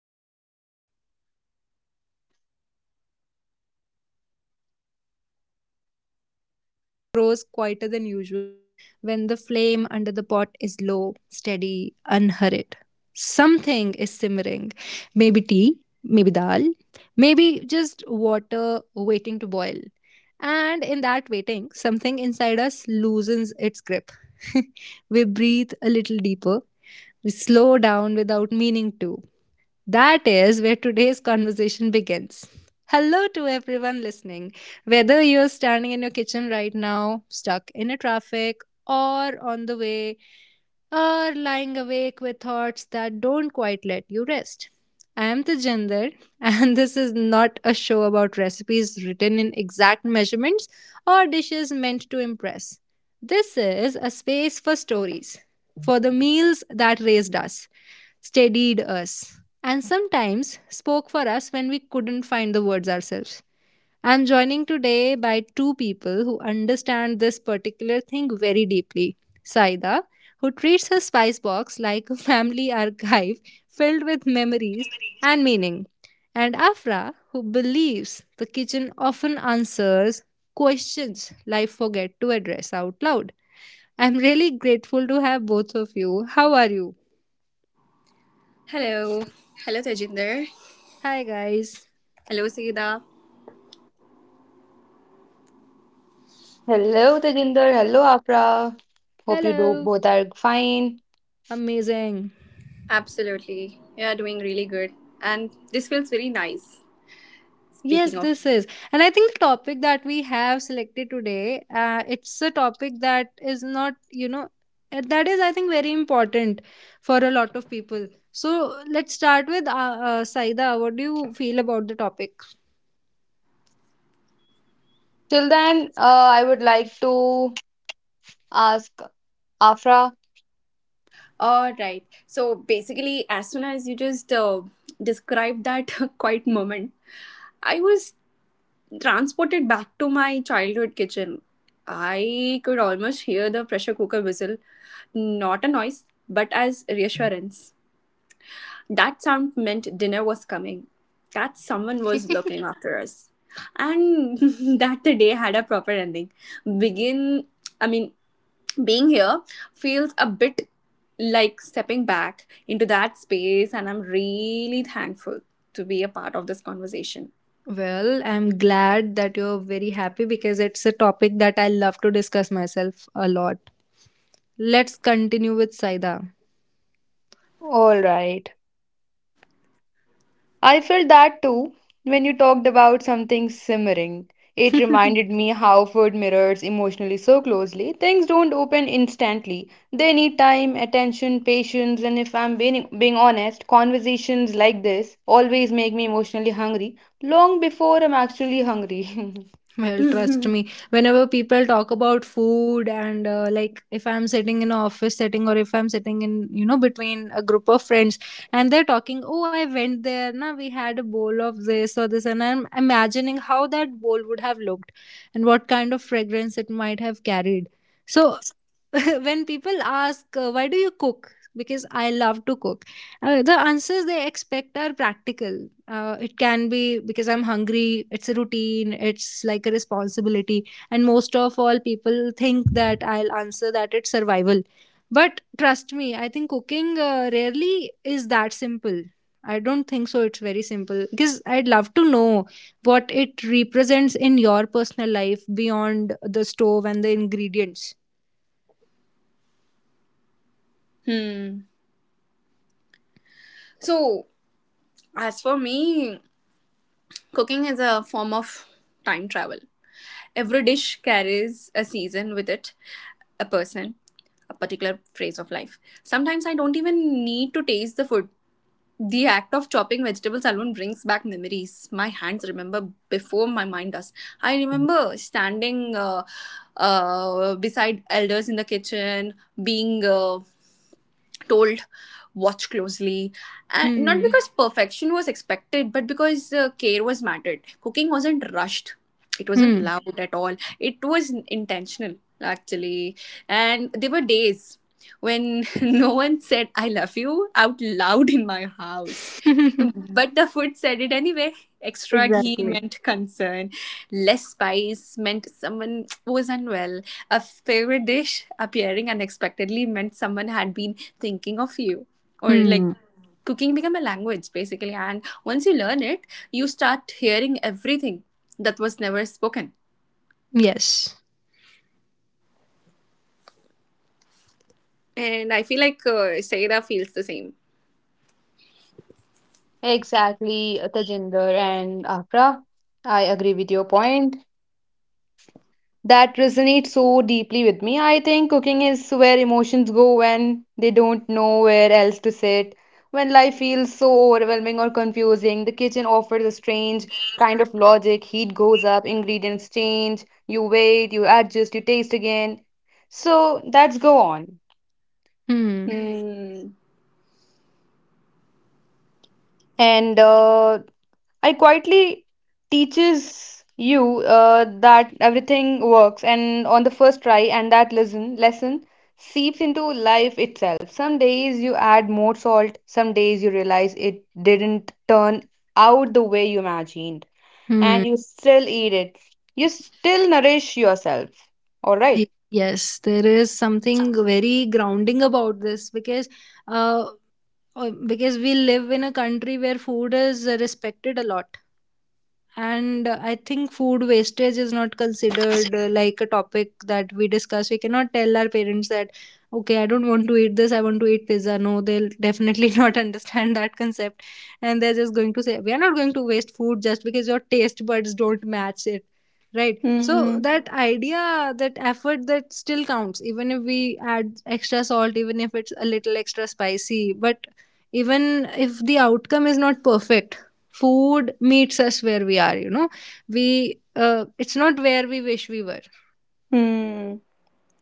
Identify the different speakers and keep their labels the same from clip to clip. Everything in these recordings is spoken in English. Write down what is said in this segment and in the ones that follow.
Speaker 1: even if we have never found the right words for it. That moment when the house grows quieter than usual, when the flame under the pot is low, steady, unhurried. Something is simmering. Maybe tea, maybe dal, maybe just water waiting to boil. And in that waiting, something inside us loosens its grip. We breathe a little deeper, we slow down without meaning to. That is where today's conversation begins. Hello to everyone listening. Whether you're standing in your kitchen right now, stuck in a traffic, or on the way, or lying awake with thoughts that don't quite let you rest. I am Tejinder, and this is not a show about recipes written in exact measurements or dishes meant to impress. This is a space for stories, for the meals that raised us, steadied us, and sometimes spoke for us when we couldn't find the words ourselves. I'm joining today by two people who understand this particular thing very deeply. Saida, who treats her spice box like a family archive filled with memories and meaning, and Afra, who believes the kitchen often answers questions life forgets to address out loud. I'm really grateful to have both of you. How are you?
Speaker 2: Hello. Hello, Tejinder.
Speaker 1: Hi guys.
Speaker 2: Hello, Sida.
Speaker 3: Hello, Tejinder. Hello, Afra. Hope you do
Speaker 1: Hello.
Speaker 3: both are fine.
Speaker 1: Amazing.
Speaker 2: Absolutely. Yeah, doing really good. And this feels very nice.
Speaker 1: Yes,
Speaker 2: Speaking of.
Speaker 1: this is. And I think the topic that we have selected today, it's a topic that is not, that is, I think, very important for a lot of people. So let's start with Saida. What do you feel about the topic?
Speaker 3: Till then, I would like to ask Afra.
Speaker 2: All right. So basically, as soon as you just described that quiet moment, I was transported back to my childhood kitchen. I could almost hear the pressure cooker whistle. Not a noise, but as reassurance. That sound meant dinner was coming, that someone was looking after us, and that the day had a proper ending. Begin, I mean, being here feels a bit like stepping back into that space, and I'm really thankful to be a part of this conversation.
Speaker 1: Well, I'm glad that you're very happy because it's a topic that I love to discuss myself a lot. Let's continue with Saida.
Speaker 3: All right. I felt that too when you talked about something simmering. It reminded me how food mirrors emotionally so closely. Things don't open instantly. They need time, attention, patience, and if I'm being honest, conversations like this always make me emotionally hungry long before I'm actually hungry.
Speaker 1: Well, trust
Speaker 2: Hmm.
Speaker 1: me, whenever people talk about food and like if I'm sitting in an office setting or if I'm sitting in, between a group of friends, and they're talking, oh, I went there, now we had a bowl of this or this, and I'm imagining how that bowl would have looked and what kind of fragrance it might have carried. So when people ask, why do you cook? Because I love to cook. The answers they expect are practical. It can be because I'm hungry, it's a routine, it's like a responsibility. And most of all, people think that I'll answer that it's survival. But trust me, I think cooking rarely is that simple. I don't think so it's very simple, because I'd love to know what it represents in your personal life beyond the stove and the ingredients.
Speaker 2: So, as for me, cooking is a form of time travel. Every dish carries a season with it, a person, a particular phase of life. Sometimes I don't even need to taste the food. The act of chopping vegetables alone brings back memories. My hands remember before my mind does. I remember standing beside elders in the kitchen, being told watch closely, and not
Speaker 1: Hmm.
Speaker 2: because perfection was expected, but because care was mattered. Cooking wasn't rushed, it wasn't
Speaker 1: Hmm.
Speaker 2: loud at all, it was intentional actually. And there were days when no one said I love you out loud in my house, but the food said it anyway. Extra ghee
Speaker 1: Exactly.
Speaker 2: meant concern. Less spice meant someone was unwell. A favorite dish appearing unexpectedly meant someone had been thinking of you. Or like
Speaker 1: Hmm.
Speaker 2: cooking become a language basically. And once you learn it, you start hearing everything that was never spoken.
Speaker 1: Yes.
Speaker 2: And I feel like Saida feels the same.
Speaker 3: Exactly, Tejinder and Afra. I agree with your point. That resonates so deeply with me. I think cooking is where emotions go when they don't know where else to sit. When life feels so overwhelming or confusing, the kitchen offers a strange kind of logic. Heat goes up, ingredients change, you wait, you adjust, you taste again. So that's go on.
Speaker 1: Hmm.
Speaker 2: Hmm.
Speaker 3: And I quietly teaches you that everything works and on the first try and that lesson seeps into life itself. Some days you add more salt, some days you realize it didn't turn out the way you imagined,
Speaker 1: Hmm.
Speaker 3: and you still eat it. You still nourish yourself. All right.
Speaker 1: Yes, there is something very grounding about this, uh, because we live in a country where food is respected a lot. And I think food wastage is not considered, like, a topic that we discuss. We cannot tell our parents that okay, I don't want to eat this, I want to eat pizza. No, they'll definitely not understand that concept, and they're just going to say we are not going to waste food just because your taste buds don't match it, right? So
Speaker 2: Hmm.
Speaker 1: that idea, that effort that still counts, even if we add extra salt, even if it's a little extra spicy, but even if the outcome is not perfect, food meets us where we are, you know, we it's not where we wish we were.
Speaker 2: Hmm.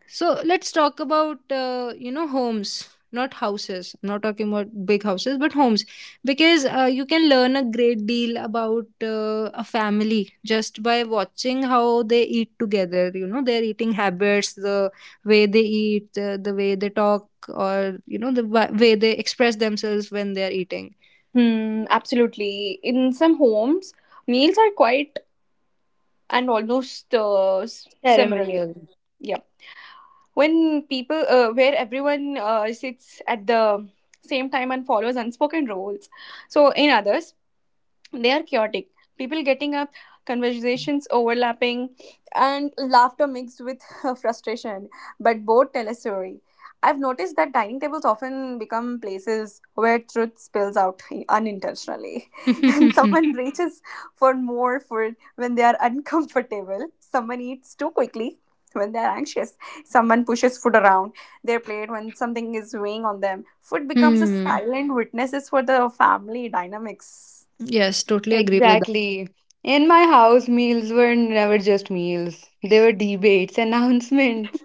Speaker 1: So let's talk about homes, not houses. I'm not talking about big houses, but homes, because you can learn a great deal about a family just by watching how they eat together, their eating habits, the way they eat, the way they talk, or the way they express themselves when they are eating.
Speaker 2: Hmm. Absolutely. In some homes, meals are quite and almost similar.
Speaker 3: Ceremonial.
Speaker 2: Yeah. When people, where everyone sits at the same time and follows unspoken rules. So, in others, they are chaotic, people getting up, conversations overlapping, and laughter mixed with frustration, but both tell a story. I've noticed that dining tables often become places where truth spills out unintentionally, and someone reaches for more food when they are uncomfortable, someone eats too quickly when they're anxious, someone pushes food around their plate when something is weighing on them. Food becomes a
Speaker 1: Hmm.
Speaker 2: silent witnesses for the family dynamics.
Speaker 1: Yes, totally agree with.
Speaker 3: Exactly. In my house, meals were never just meals. They were debates, announcements,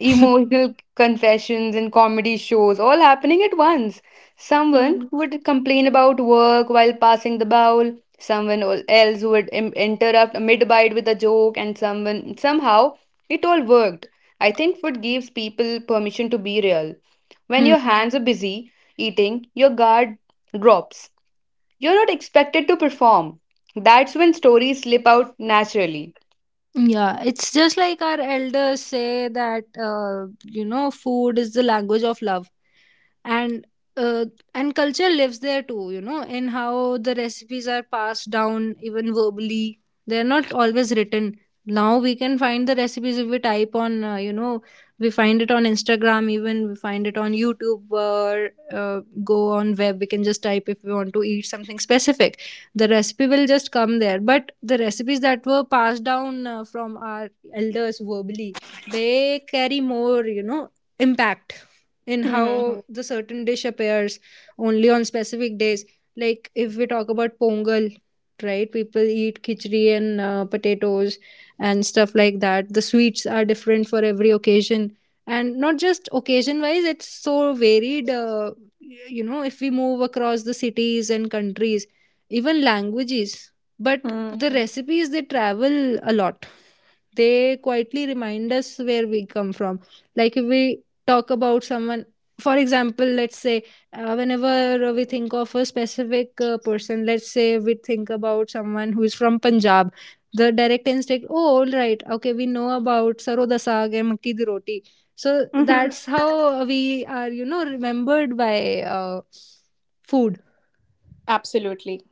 Speaker 3: emotional confessions, and comedy shows all happening at once. Someone
Speaker 2: Mhm.
Speaker 3: would complain about work while passing the bowl, someone else would interrupt mid bite with a joke, and someone somehow it all worked. I think food gives people permission to be real. When
Speaker 1: Hmm.
Speaker 3: your hands are busy eating, your guard drops. You're not expected to perform. That's when stories slip out naturally.
Speaker 1: Yeah, it's just like our elders say that, food is the language of love. and uh, and culture lives there too, in how the recipes are passed down even verbally. They're not always written. Now we can find the recipes if we type on, we find it on Instagram, even we find it on YouTube, or go on web. We can just type if we want to eat something specific, the recipe will just come there. But the recipes that were passed down from our elders verbally, they carry more impact in how
Speaker 2: Mhm.
Speaker 1: the certain dish appears only on specific days. Like if we talk about Pongal, right? People eat khichdi and potatoes and stuff like that. The sweets are different for every occasion, and not just occasion wise. It's so varied. If we move across the cities and countries, even languages, but the
Speaker 2: Mhm.
Speaker 1: recipes they travel a lot. They quietly remind us where we come from. Like if we talk about someone, for example, let's say whenever we think of a specific person, let's say we think about someone who is from Punjab, the direct instinct, oh, all right, okay, we know about saro da saag and makki di roti. So
Speaker 2: Mhm.
Speaker 1: that's how we are, remembered by uh, food.
Speaker 2: Absolutely.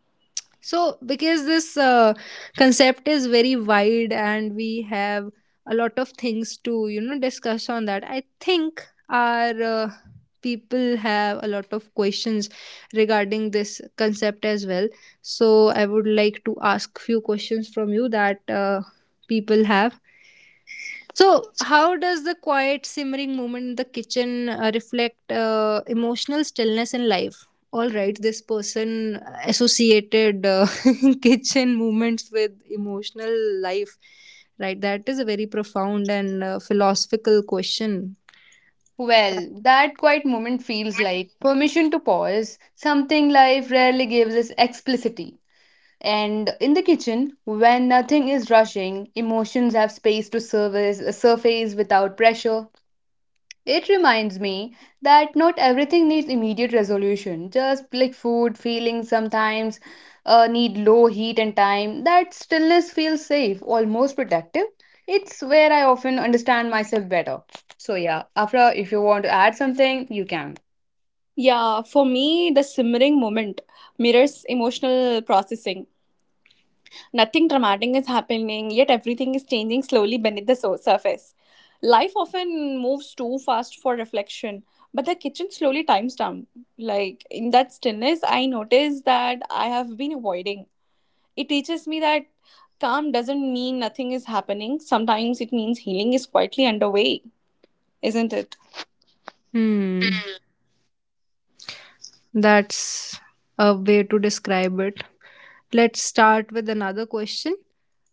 Speaker 1: So, because this concept is very wide and we have a lot of things to, discuss on that, I think our people have a lot of questions regarding this concept as well. So, I would like to ask few questions from you that people have. So, how does the quiet simmering moment in the kitchen reflect emotional stillness in life? All right, this person associated kitchen moments with emotional life, right? That is a very profound and philosophical question.
Speaker 3: Well, that quiet moment feels like permission to pause, something life rarely gives us explicitly. And in the kitchen, when nothing is rushing, emotions have space to service, surface without pressure. It reminds me that not everything needs immediate resolution. Just like food, feelings sometimes need low heat and time. That stillness feels safe, almost protective. It's where I often understand myself better. So, yeah, Afra, if you want to add something, you can.
Speaker 2: Yeah, for me, the simmering moment mirrors emotional processing. Nothing dramatic is happening, yet everything is changing slowly beneath the so- surface. Life often moves too fast for reflection, but the kitchen slowly times down. Like in that stillness, I notice that I have been avoiding. It teaches me that calm doesn't mean nothing is happening. Sometimes it means healing is quietly underway, isn't it?
Speaker 1: Hmm, that's a way to describe it. Let's start with another question.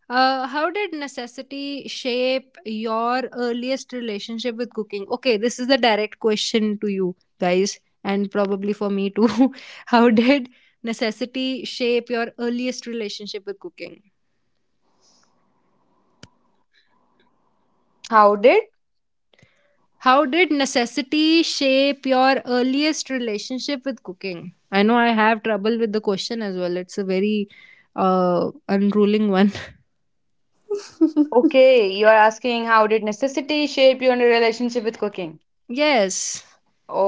Speaker 1: How did necessity shape your earliest relationship with cooking? Okay, this is the direct question to you guys, and probably for me too. How did necessity shape your earliest relationship with cooking?
Speaker 3: How did?
Speaker 1: How did necessity shape your earliest relationship with cooking? I know I have trouble with the question as well. It's a very unruling one.
Speaker 3: Okay, you're asking how did necessity shape your relationship with cooking?
Speaker 1: Yes.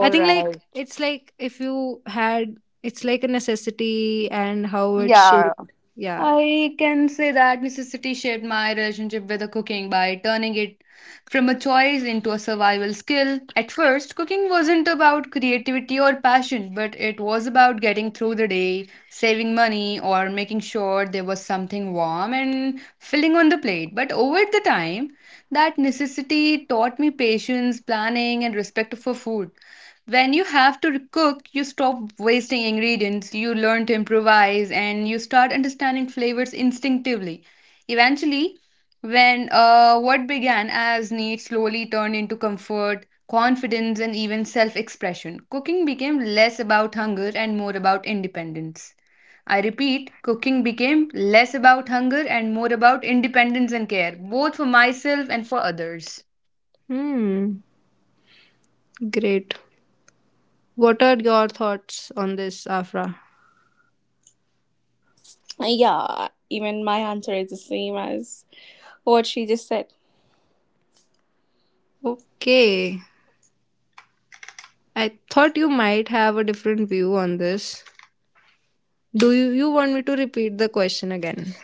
Speaker 1: I think like
Speaker 3: right.
Speaker 1: it's like if you had it's like a necessity and how it's
Speaker 3: Yeah.
Speaker 1: shaped. Yeah.
Speaker 3: I can say that necessity shaped my relationship with the cooking by turning it from a choice into a survival skill. At first, cooking wasn't about creativity or passion, but it was about getting through the day, saving money, or making sure there was something warm and filling on the plate. But over the time, that necessity taught me patience, planning, and respect for food. When you have to cook, you stop wasting ingredients, you learn to improvise, and you start understanding flavors instinctively. Eventually, when what began as need slowly turned into comfort, confidence, and even self expression, cooking became less about hunger and more about independence. I repeat, cooking became less about hunger and more about independence and care, both for myself and for others.
Speaker 1: Hmm. Great. What are your thoughts on this, Afra?
Speaker 2: Yeah, even my answer is the same as what she just said.
Speaker 1: Okay. I thought you might have a different view on this. Do you want me to repeat the question again?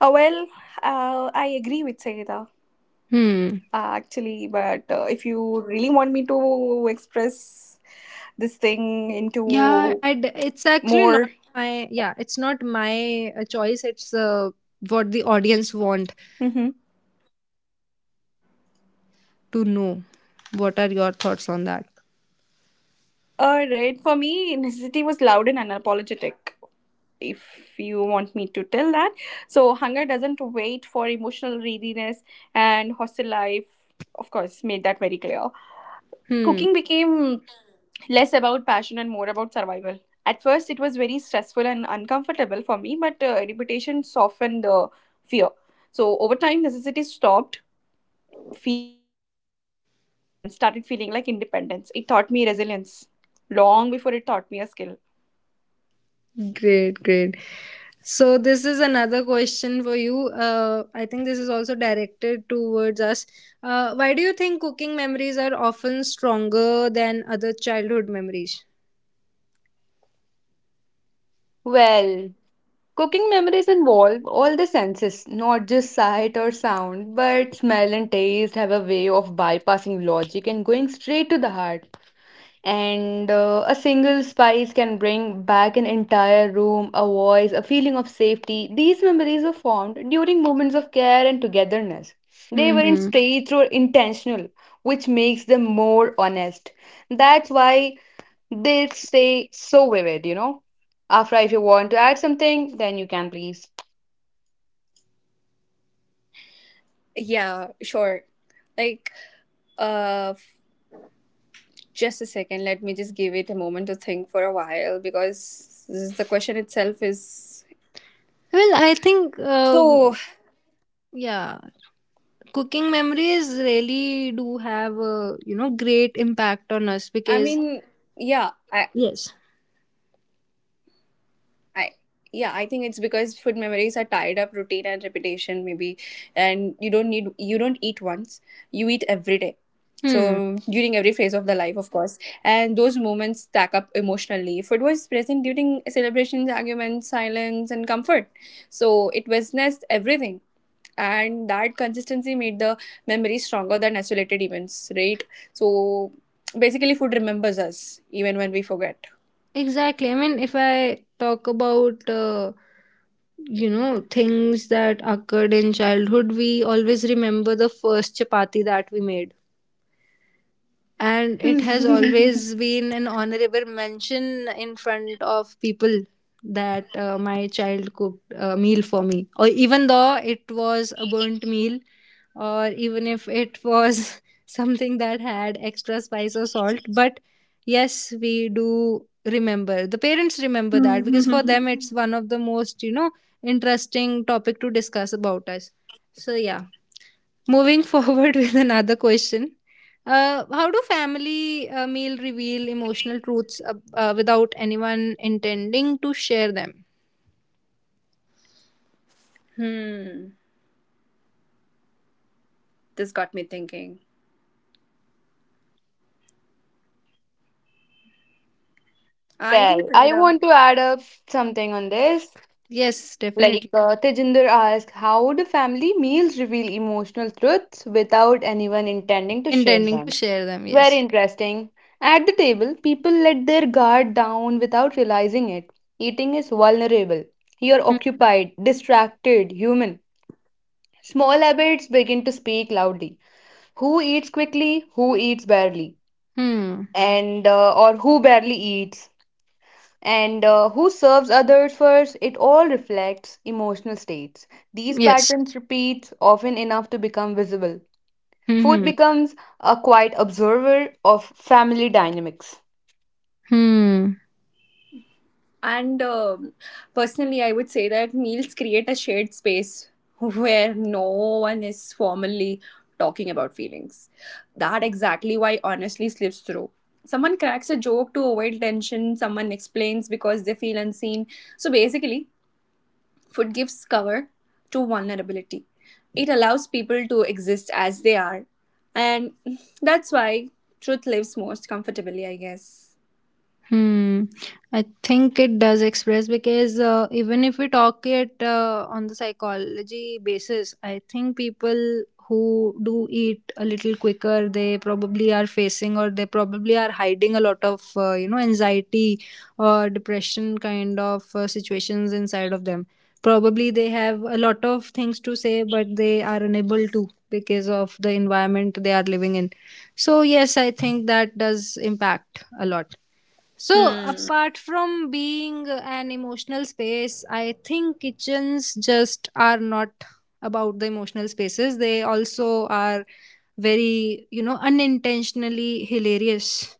Speaker 2: Uh, well, I agree with Sayeda,
Speaker 1: Hmm.
Speaker 2: actually, but if you really want me to express this thing
Speaker 1: Yeah,
Speaker 2: into
Speaker 1: I d it's actually
Speaker 2: more,
Speaker 1: not my yeah, it's not my choice. It's what the audience want
Speaker 2: Mhm.
Speaker 1: to know. What are your thoughts on that?
Speaker 2: All right, for me, necessity was loud and unapologetic. If you want me to tell that, so hunger doesn't wait for emotional readiness, and hostel life, of course, made that very clear.
Speaker 1: Hmm.
Speaker 2: Cooking became less about passion and more about survival. At first, it was very stressful and uncomfortable for me, but repetition softened the fear. So, over time, necessity stopped feeling like the pressure and started feeling like independence. It taught me resilience long before it taught me a skill.
Speaker 1: Great, great. So this is another question for you. I think this is also directed towards us. Why do you think cooking memories are often stronger than other childhood memories?
Speaker 3: Well, cooking memories involve all the senses, not just sight or sound, but smell and taste have a way of bypassing logic and going straight to the heart. And a single spice can bring back an entire room, a voice, a feeling of safety. These memories were formed during moments of care and togetherness. They weren't
Speaker 1: Hmm.
Speaker 3: staged or intentional, which makes them more honest. That's why they say so vivid, you know. Afra, if you want to add something, then you can please.
Speaker 2: Yeah, sure. Like, uh, f- just a second. Let me just give it a moment to think for a while because the question itself is
Speaker 1: Well, I think
Speaker 2: so.
Speaker 1: yeah, cooking memories really do have a great impact on us,
Speaker 2: I
Speaker 1: because
Speaker 2: mean, yeah, I,
Speaker 1: yes.
Speaker 2: I yeah, I think it's because food memories are tied up routine and repetition maybe, and you don't eat once. You eat every day.
Speaker 1: Hmm.
Speaker 2: So during every phase of the life, of course. And those moments stack up emotionally. Food was present during celebrations, arguments, silence and comfort. So it witnessed everything. And that consistency made the memory stronger than isolated events, right? So basically food remembers us even when we forget.
Speaker 1: Exactly. I mean, if I talk about, things that occurred in childhood, we always remember the first chapati that we made, and it has always been an honorable mention in front of people that my child cooked a meal for me, or even though it was a burnt meal, or even if it was something that had extra spice or salt. But yes, we do remember, the parents remember that, because for them it's one of the most interesting topic to discuss about us. So yeah, moving forward with another question. How do family meal reveal emotional truths, without anyone intending to share them?
Speaker 2: Hmm. This got me thinking. I think
Speaker 3: Well,
Speaker 2: so,
Speaker 3: I
Speaker 2: yeah.
Speaker 3: want to add up something on this.
Speaker 1: Yes,
Speaker 3: Like
Speaker 1: definitely.
Speaker 3: Tejinder asked, how do family meals reveal emotional truths without anyone intending to share
Speaker 1: Intending to
Speaker 3: them?
Speaker 1: share them,
Speaker 3: Very
Speaker 1: yes.
Speaker 3: interesting. At the table, people let their guard down without realizing it. Eating is vulnerable. You're
Speaker 1: Hmm.
Speaker 3: occupied, distracted, human. Small habits begin to speak loudly. Who eats quickly? Who eats barely?
Speaker 1: Hmm.
Speaker 3: And or who barely eats, and who serves others first. It all reflects emotional states. These
Speaker 1: Yes.
Speaker 3: patterns repeat often enough to become visible.
Speaker 1: Hmm.
Speaker 3: Food
Speaker 1: Hmm.
Speaker 3: becomes a quiet observer of family dynamics.
Speaker 1: Hmm.
Speaker 2: And personally, I would say that meals create a shared space where no one is formally talking about feelings. That exactly why honestly slips through. Someone cracks a joke to avoid tension, someone explains because they feel unseen. So basically, food gives cover to vulnerability. It allows people to exist as they are. And that's why truth lives most comfortably, I guess.
Speaker 1: Hmm. I think it does express, because even if we talk it on the psychology basis, I think people who do eat a little quicker, they probably are facing, or they probably are hiding a lot of, anxiety or depression kind of situations inside of them. Probably they have a lot of things to say, but they are unable to because of the environment they are living in. So yes, I think that does impact a lot. So,
Speaker 2: Hmm.
Speaker 1: apart from being an emotional space, I think kitchens just are not about the emotional spaces. They also are very, unintentionally hilarious.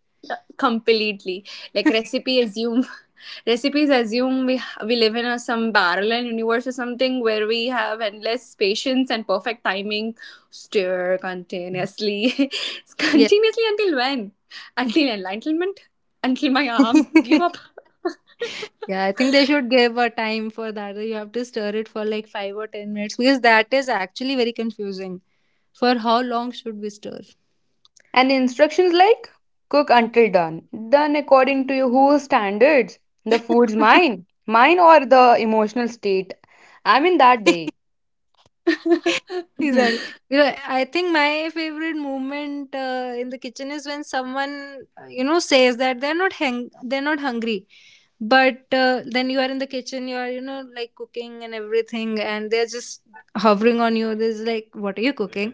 Speaker 2: Completely. Like recipe assume Recipes assume we live in a some parallel universe or something where we have endless patience and perfect timing. Stir continuously.
Speaker 1: Yeah.
Speaker 2: Continuously until when? Until enlightenment? Until my arms give up.
Speaker 1: Yeah, I think they should give a time for that. You have to stir it for like 5 or 10 minutes because that is actually very confusing. For how long should we stir?
Speaker 3: And instructions like cook until done, done according to your whose standards, the food's mine, or the emotional state I'm in that day.
Speaker 1: Exactly. You know, I think my favorite moment in the kitchen is when someone says that they're not they're not hungry, but then you are in the kitchen, you are, like, cooking and everything, and they're just hovering on you. This like, what are you cooking?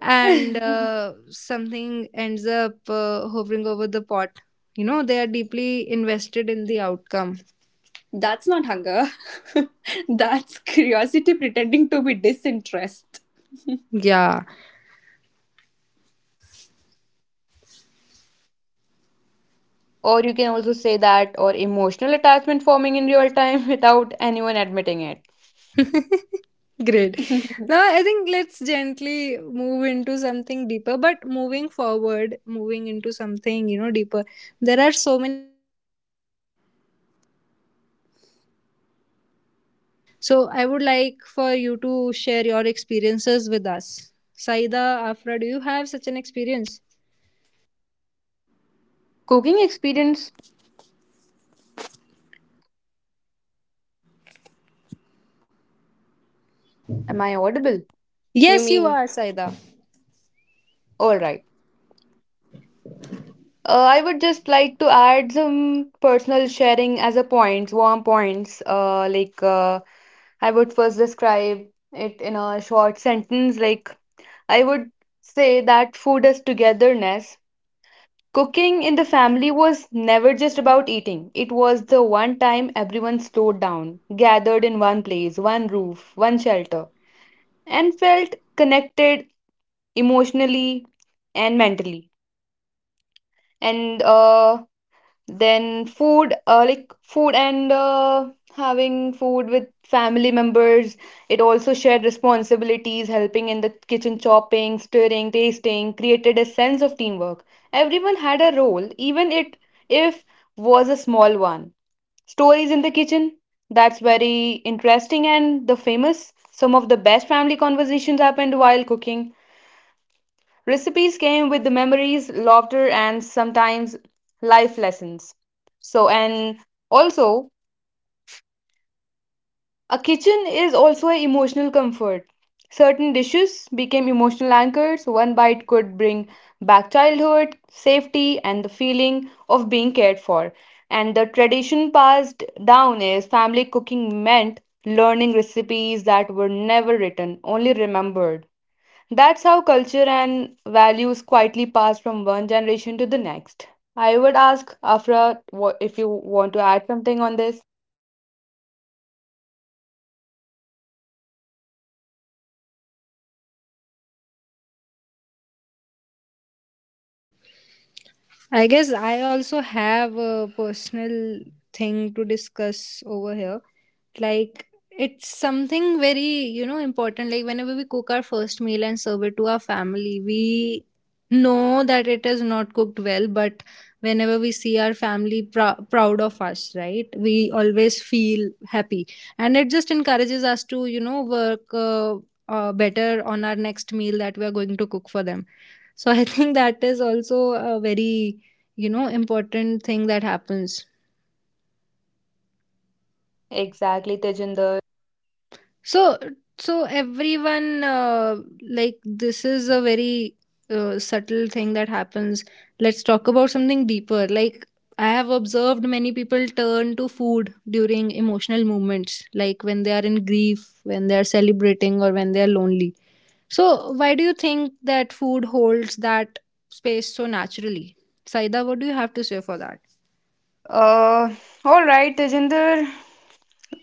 Speaker 1: And something ends up hovering over the pot. You know, they are deeply invested in the outcome.
Speaker 2: That's not hunger. That's curiosity pretending to be disinterest.
Speaker 1: Yeah,
Speaker 3: Or you can also say that, or emotional attachment forming in real time, without anyone admitting it.
Speaker 1: great.
Speaker 2: You
Speaker 1: Now, I think let's gently move into something deeper, but moving forward, moving into something, you know, deeper. There are so many funny moments that we personally might have faced while, you know, in the kitchen. So, I would like for you to share your experiences with us. Saida, Afra, do you have such an experience?
Speaker 3: Cooking experience, am I audible?
Speaker 1: Yes, you
Speaker 2: mean?
Speaker 1: are, Saida.
Speaker 3: All right. I would just like to add some personal sharing as a points, warm points. I would first describe it in a short sentence. Like I would say that food is togetherness. Cooking in the family was never just about eating. It was the one time everyone slowed down, gathered in one place, one roof, one shelter, and felt connected emotionally and mentally. And then food like food and having food with family members, it also shared responsibilities. Helping in the kitchen, chopping, stirring, tasting created a sense of teamwork. Everyone had a role, even it if was a small one. Stories in the kitchen, that's very interesting, and the famous, some of the best family conversations happened while cooking. Recipes came with the memories, laughter, and sometimes life lessons. So, and also, a kitchen is also an emotional comfort. Certain dishes became emotional anchors. One bite could bring back childhood, safety, and the feeling of being cared for. And the tradition passed down is family cooking meant learning recipes that were never written, only remembered. That's how culture and values quietly pass from one generation to the next. I would ask Afra if you want to add something on this.
Speaker 1: I guess I also have a personal thing to discuss over here. Like, it's something very, you know, important. Like, whenever we cook our first meal and serve it to our family, we know that it is not cooked well, but whenever we see our family proud of us, right, we always feel happy. And it just encourages us to, you know, work better on our next meal that we are going to cook for them. So I think that is also a very, you know, important thing that happens.
Speaker 3: Exactly, Tejinder.
Speaker 1: So everyone, like this is a very subtle thing that happens. Let's talk about something deeper. Like, I have observed many people turn to food during emotional moments, like when they are in grief, when they are celebrating, or when they are lonely. So why do you think that food holds that space so naturally? Saida, what do you have to say for that?
Speaker 3: Uh, all right, Tejinder.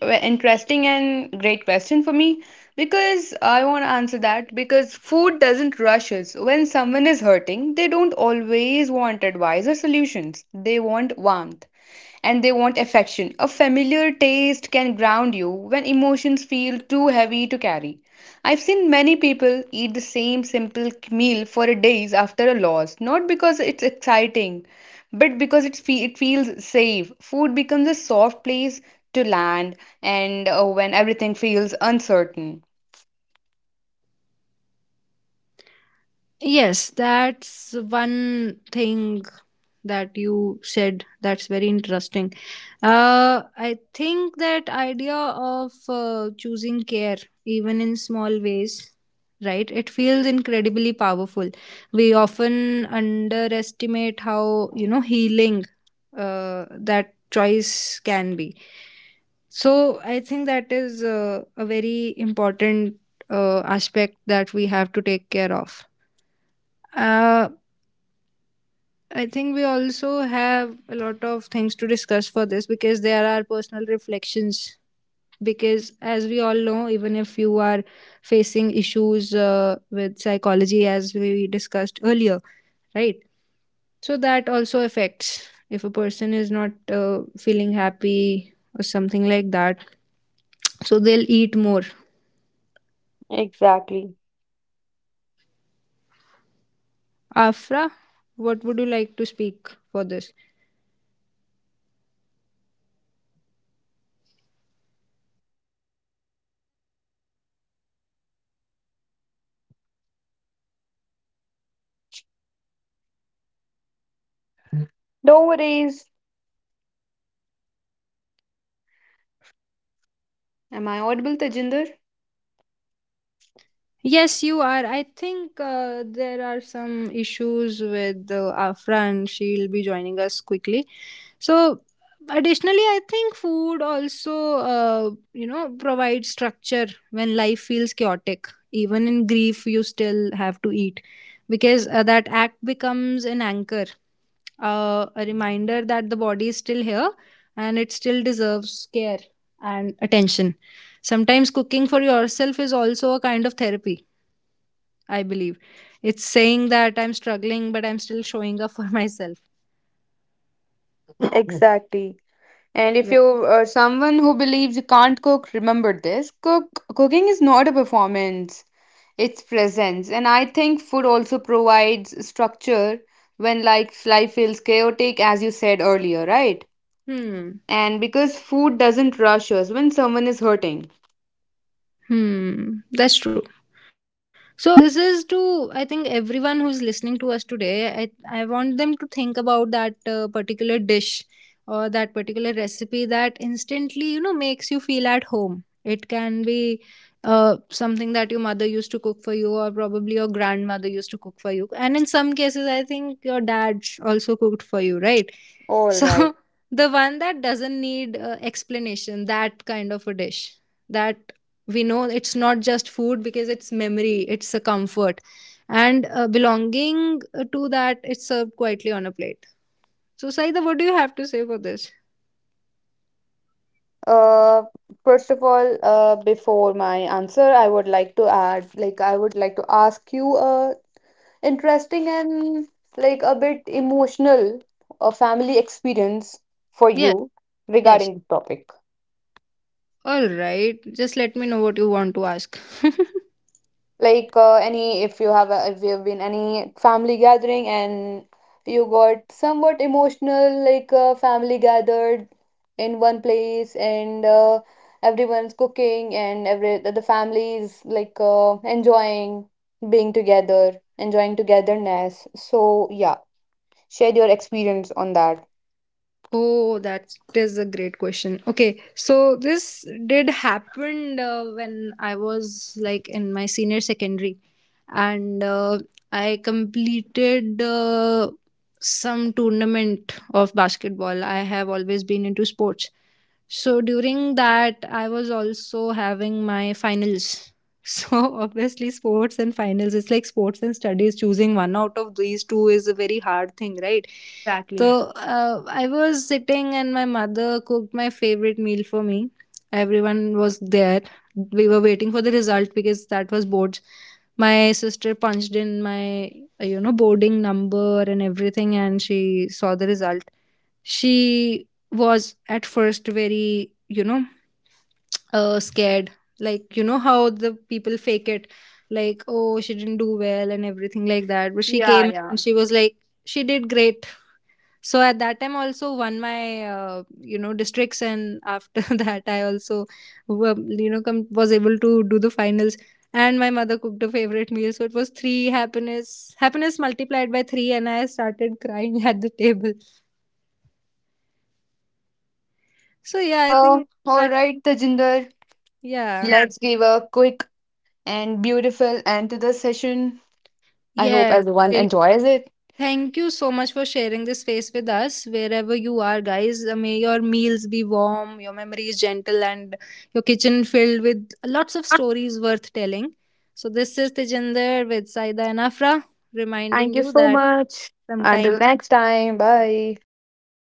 Speaker 3: Well, interesting and great question for me because I want to answer that because food doesn't rush us. When someone is hurting, they don't always want advice or solutions. They want warmth and they want affection. A familiar taste can ground you when emotions feel too heavy to carry. I've seen many people eat the same simple meal for days after a loss, not because it's exciting, but because it feels safe. Food becomes a soft place to land, and when everything feels uncertain.
Speaker 1: Yes, that's one thing that you said that's very interesting. I think that idea of choosing care, even in small ways, right? It feels incredibly powerful. We often underestimate how, you know, healing that choice can be. So I think that is a very important aspect that we have to take care of. Uh, I think we also have a lot of things to discuss for this because there are personal reflections. Because, as we all know, even if you are facing issues with psychology, as we discussed earlier, right? So, that also affects if a person is not feeling happy or something like that. So, they'll eat more.
Speaker 3: Exactly.
Speaker 1: Afra, what would you like to speak for this?
Speaker 2: I think food also provides structure when life feels chaotic. Even in grief, you still have to eat, and that act,
Speaker 3: No
Speaker 2: that
Speaker 3: worries. Am I audible, Tajinder?
Speaker 1: Yes, you are. I think there are some issues with Afra and she'll be joining us quickly. So, additionally, I think food also, you know, provides structure when life feels chaotic. Even in grief, you still have to eat because that act becomes an anchor, a reminder that the body is still here and it still deserves care and attention. Sometimes cooking for yourself is also a kind of therapy, I believe. It's saying that I'm struggling, but I'm still showing up for myself.
Speaker 3: Exactly. And if
Speaker 1: Re-
Speaker 3: you are someone who believes you can't cook, remember this. Cooking is not a performance, it's presence. And I think food also provides structure when like life feels chaotic as you said earlier, right?
Speaker 1: Hmm.
Speaker 3: And because food doesn't rush us when someone is hurting.
Speaker 1: Hmm. That's true. So this is to, I think, everyone who's listening to us today. I want them to think about that particular dish or that particular recipe that instantly, you know, makes you feel at home. It can be something that your mother used to cook for you, or probably your grandmother used to cook for you, and in some cases, I think your dad also cooked for you, right?
Speaker 3: All right.
Speaker 1: So the one that doesn't need explanation, that kind of a dish that we know it's not just food, because it's memory, it's a comfort. And belonging to that, it's served quietly on a plate. So, Saida, what do you have to say for this?
Speaker 3: Uh, first of all, before my answer, I would like to add, like, I would like to ask you a interesting and like a bit emotional family experience for
Speaker 1: Yes,
Speaker 3: you
Speaker 1: yes.
Speaker 3: regarding the topic.
Speaker 1: All right. Just let me know what you want to ask.
Speaker 3: Like any, if you have a, if you have been any family gathering and you got somewhat emotional, like family gathered in one place, and everyone's cooking, and every the family is like enjoying being together, enjoying togetherness. So yeah, share your experience on that.
Speaker 1: Oh, that is a great question. Okay, so this did happen when I was like in my senior secondary, and I completed some tournament of basketball. I have always been into sports. So during that, I was also having my finals. So obviously, sports and finals, it's like sports and studies. Choosing one out of these two is a very hard thing, right?
Speaker 3: Exactly.
Speaker 1: So I was sitting, and my mother cooked my favorite meal for me. Everyone was there. We were waiting for the result, because that was boards. My sister punched in my, you know, boarding number and everything, and she saw the result. She was at first very, you know, scared, like, you know how the people fake it, like, oh, she didn't do well and everything like that. But she
Speaker 3: Yeah,
Speaker 1: came
Speaker 3: yeah.
Speaker 1: and she was like, she did great. So at that time, also won my, you know, districts, and after that I also you know, was able to do the finals. And my mother cooked a favorite meal, so it was 3, happiness multiplied by 3, and I started crying at the table. So yeah, I think
Speaker 3: All
Speaker 1: at,
Speaker 3: right, Tajinder.
Speaker 1: yeah,
Speaker 3: Let's give a quick and beautiful end to the session. I hope
Speaker 1: yes,
Speaker 3: everyone
Speaker 1: really.
Speaker 3: enjoys it.
Speaker 1: Thank you so much for sharing this space with us wherever you are, guys. May your meals be warm, your memories gentle, and your kitchen filled with lots of stories worth telling. So, this is Tejinder with Saida and Afra,
Speaker 3: Thank
Speaker 1: reminding
Speaker 3: you
Speaker 1: you
Speaker 3: so
Speaker 1: that
Speaker 3: much. Until
Speaker 1: sometimes
Speaker 3: next time. Bye.
Speaker 1: great.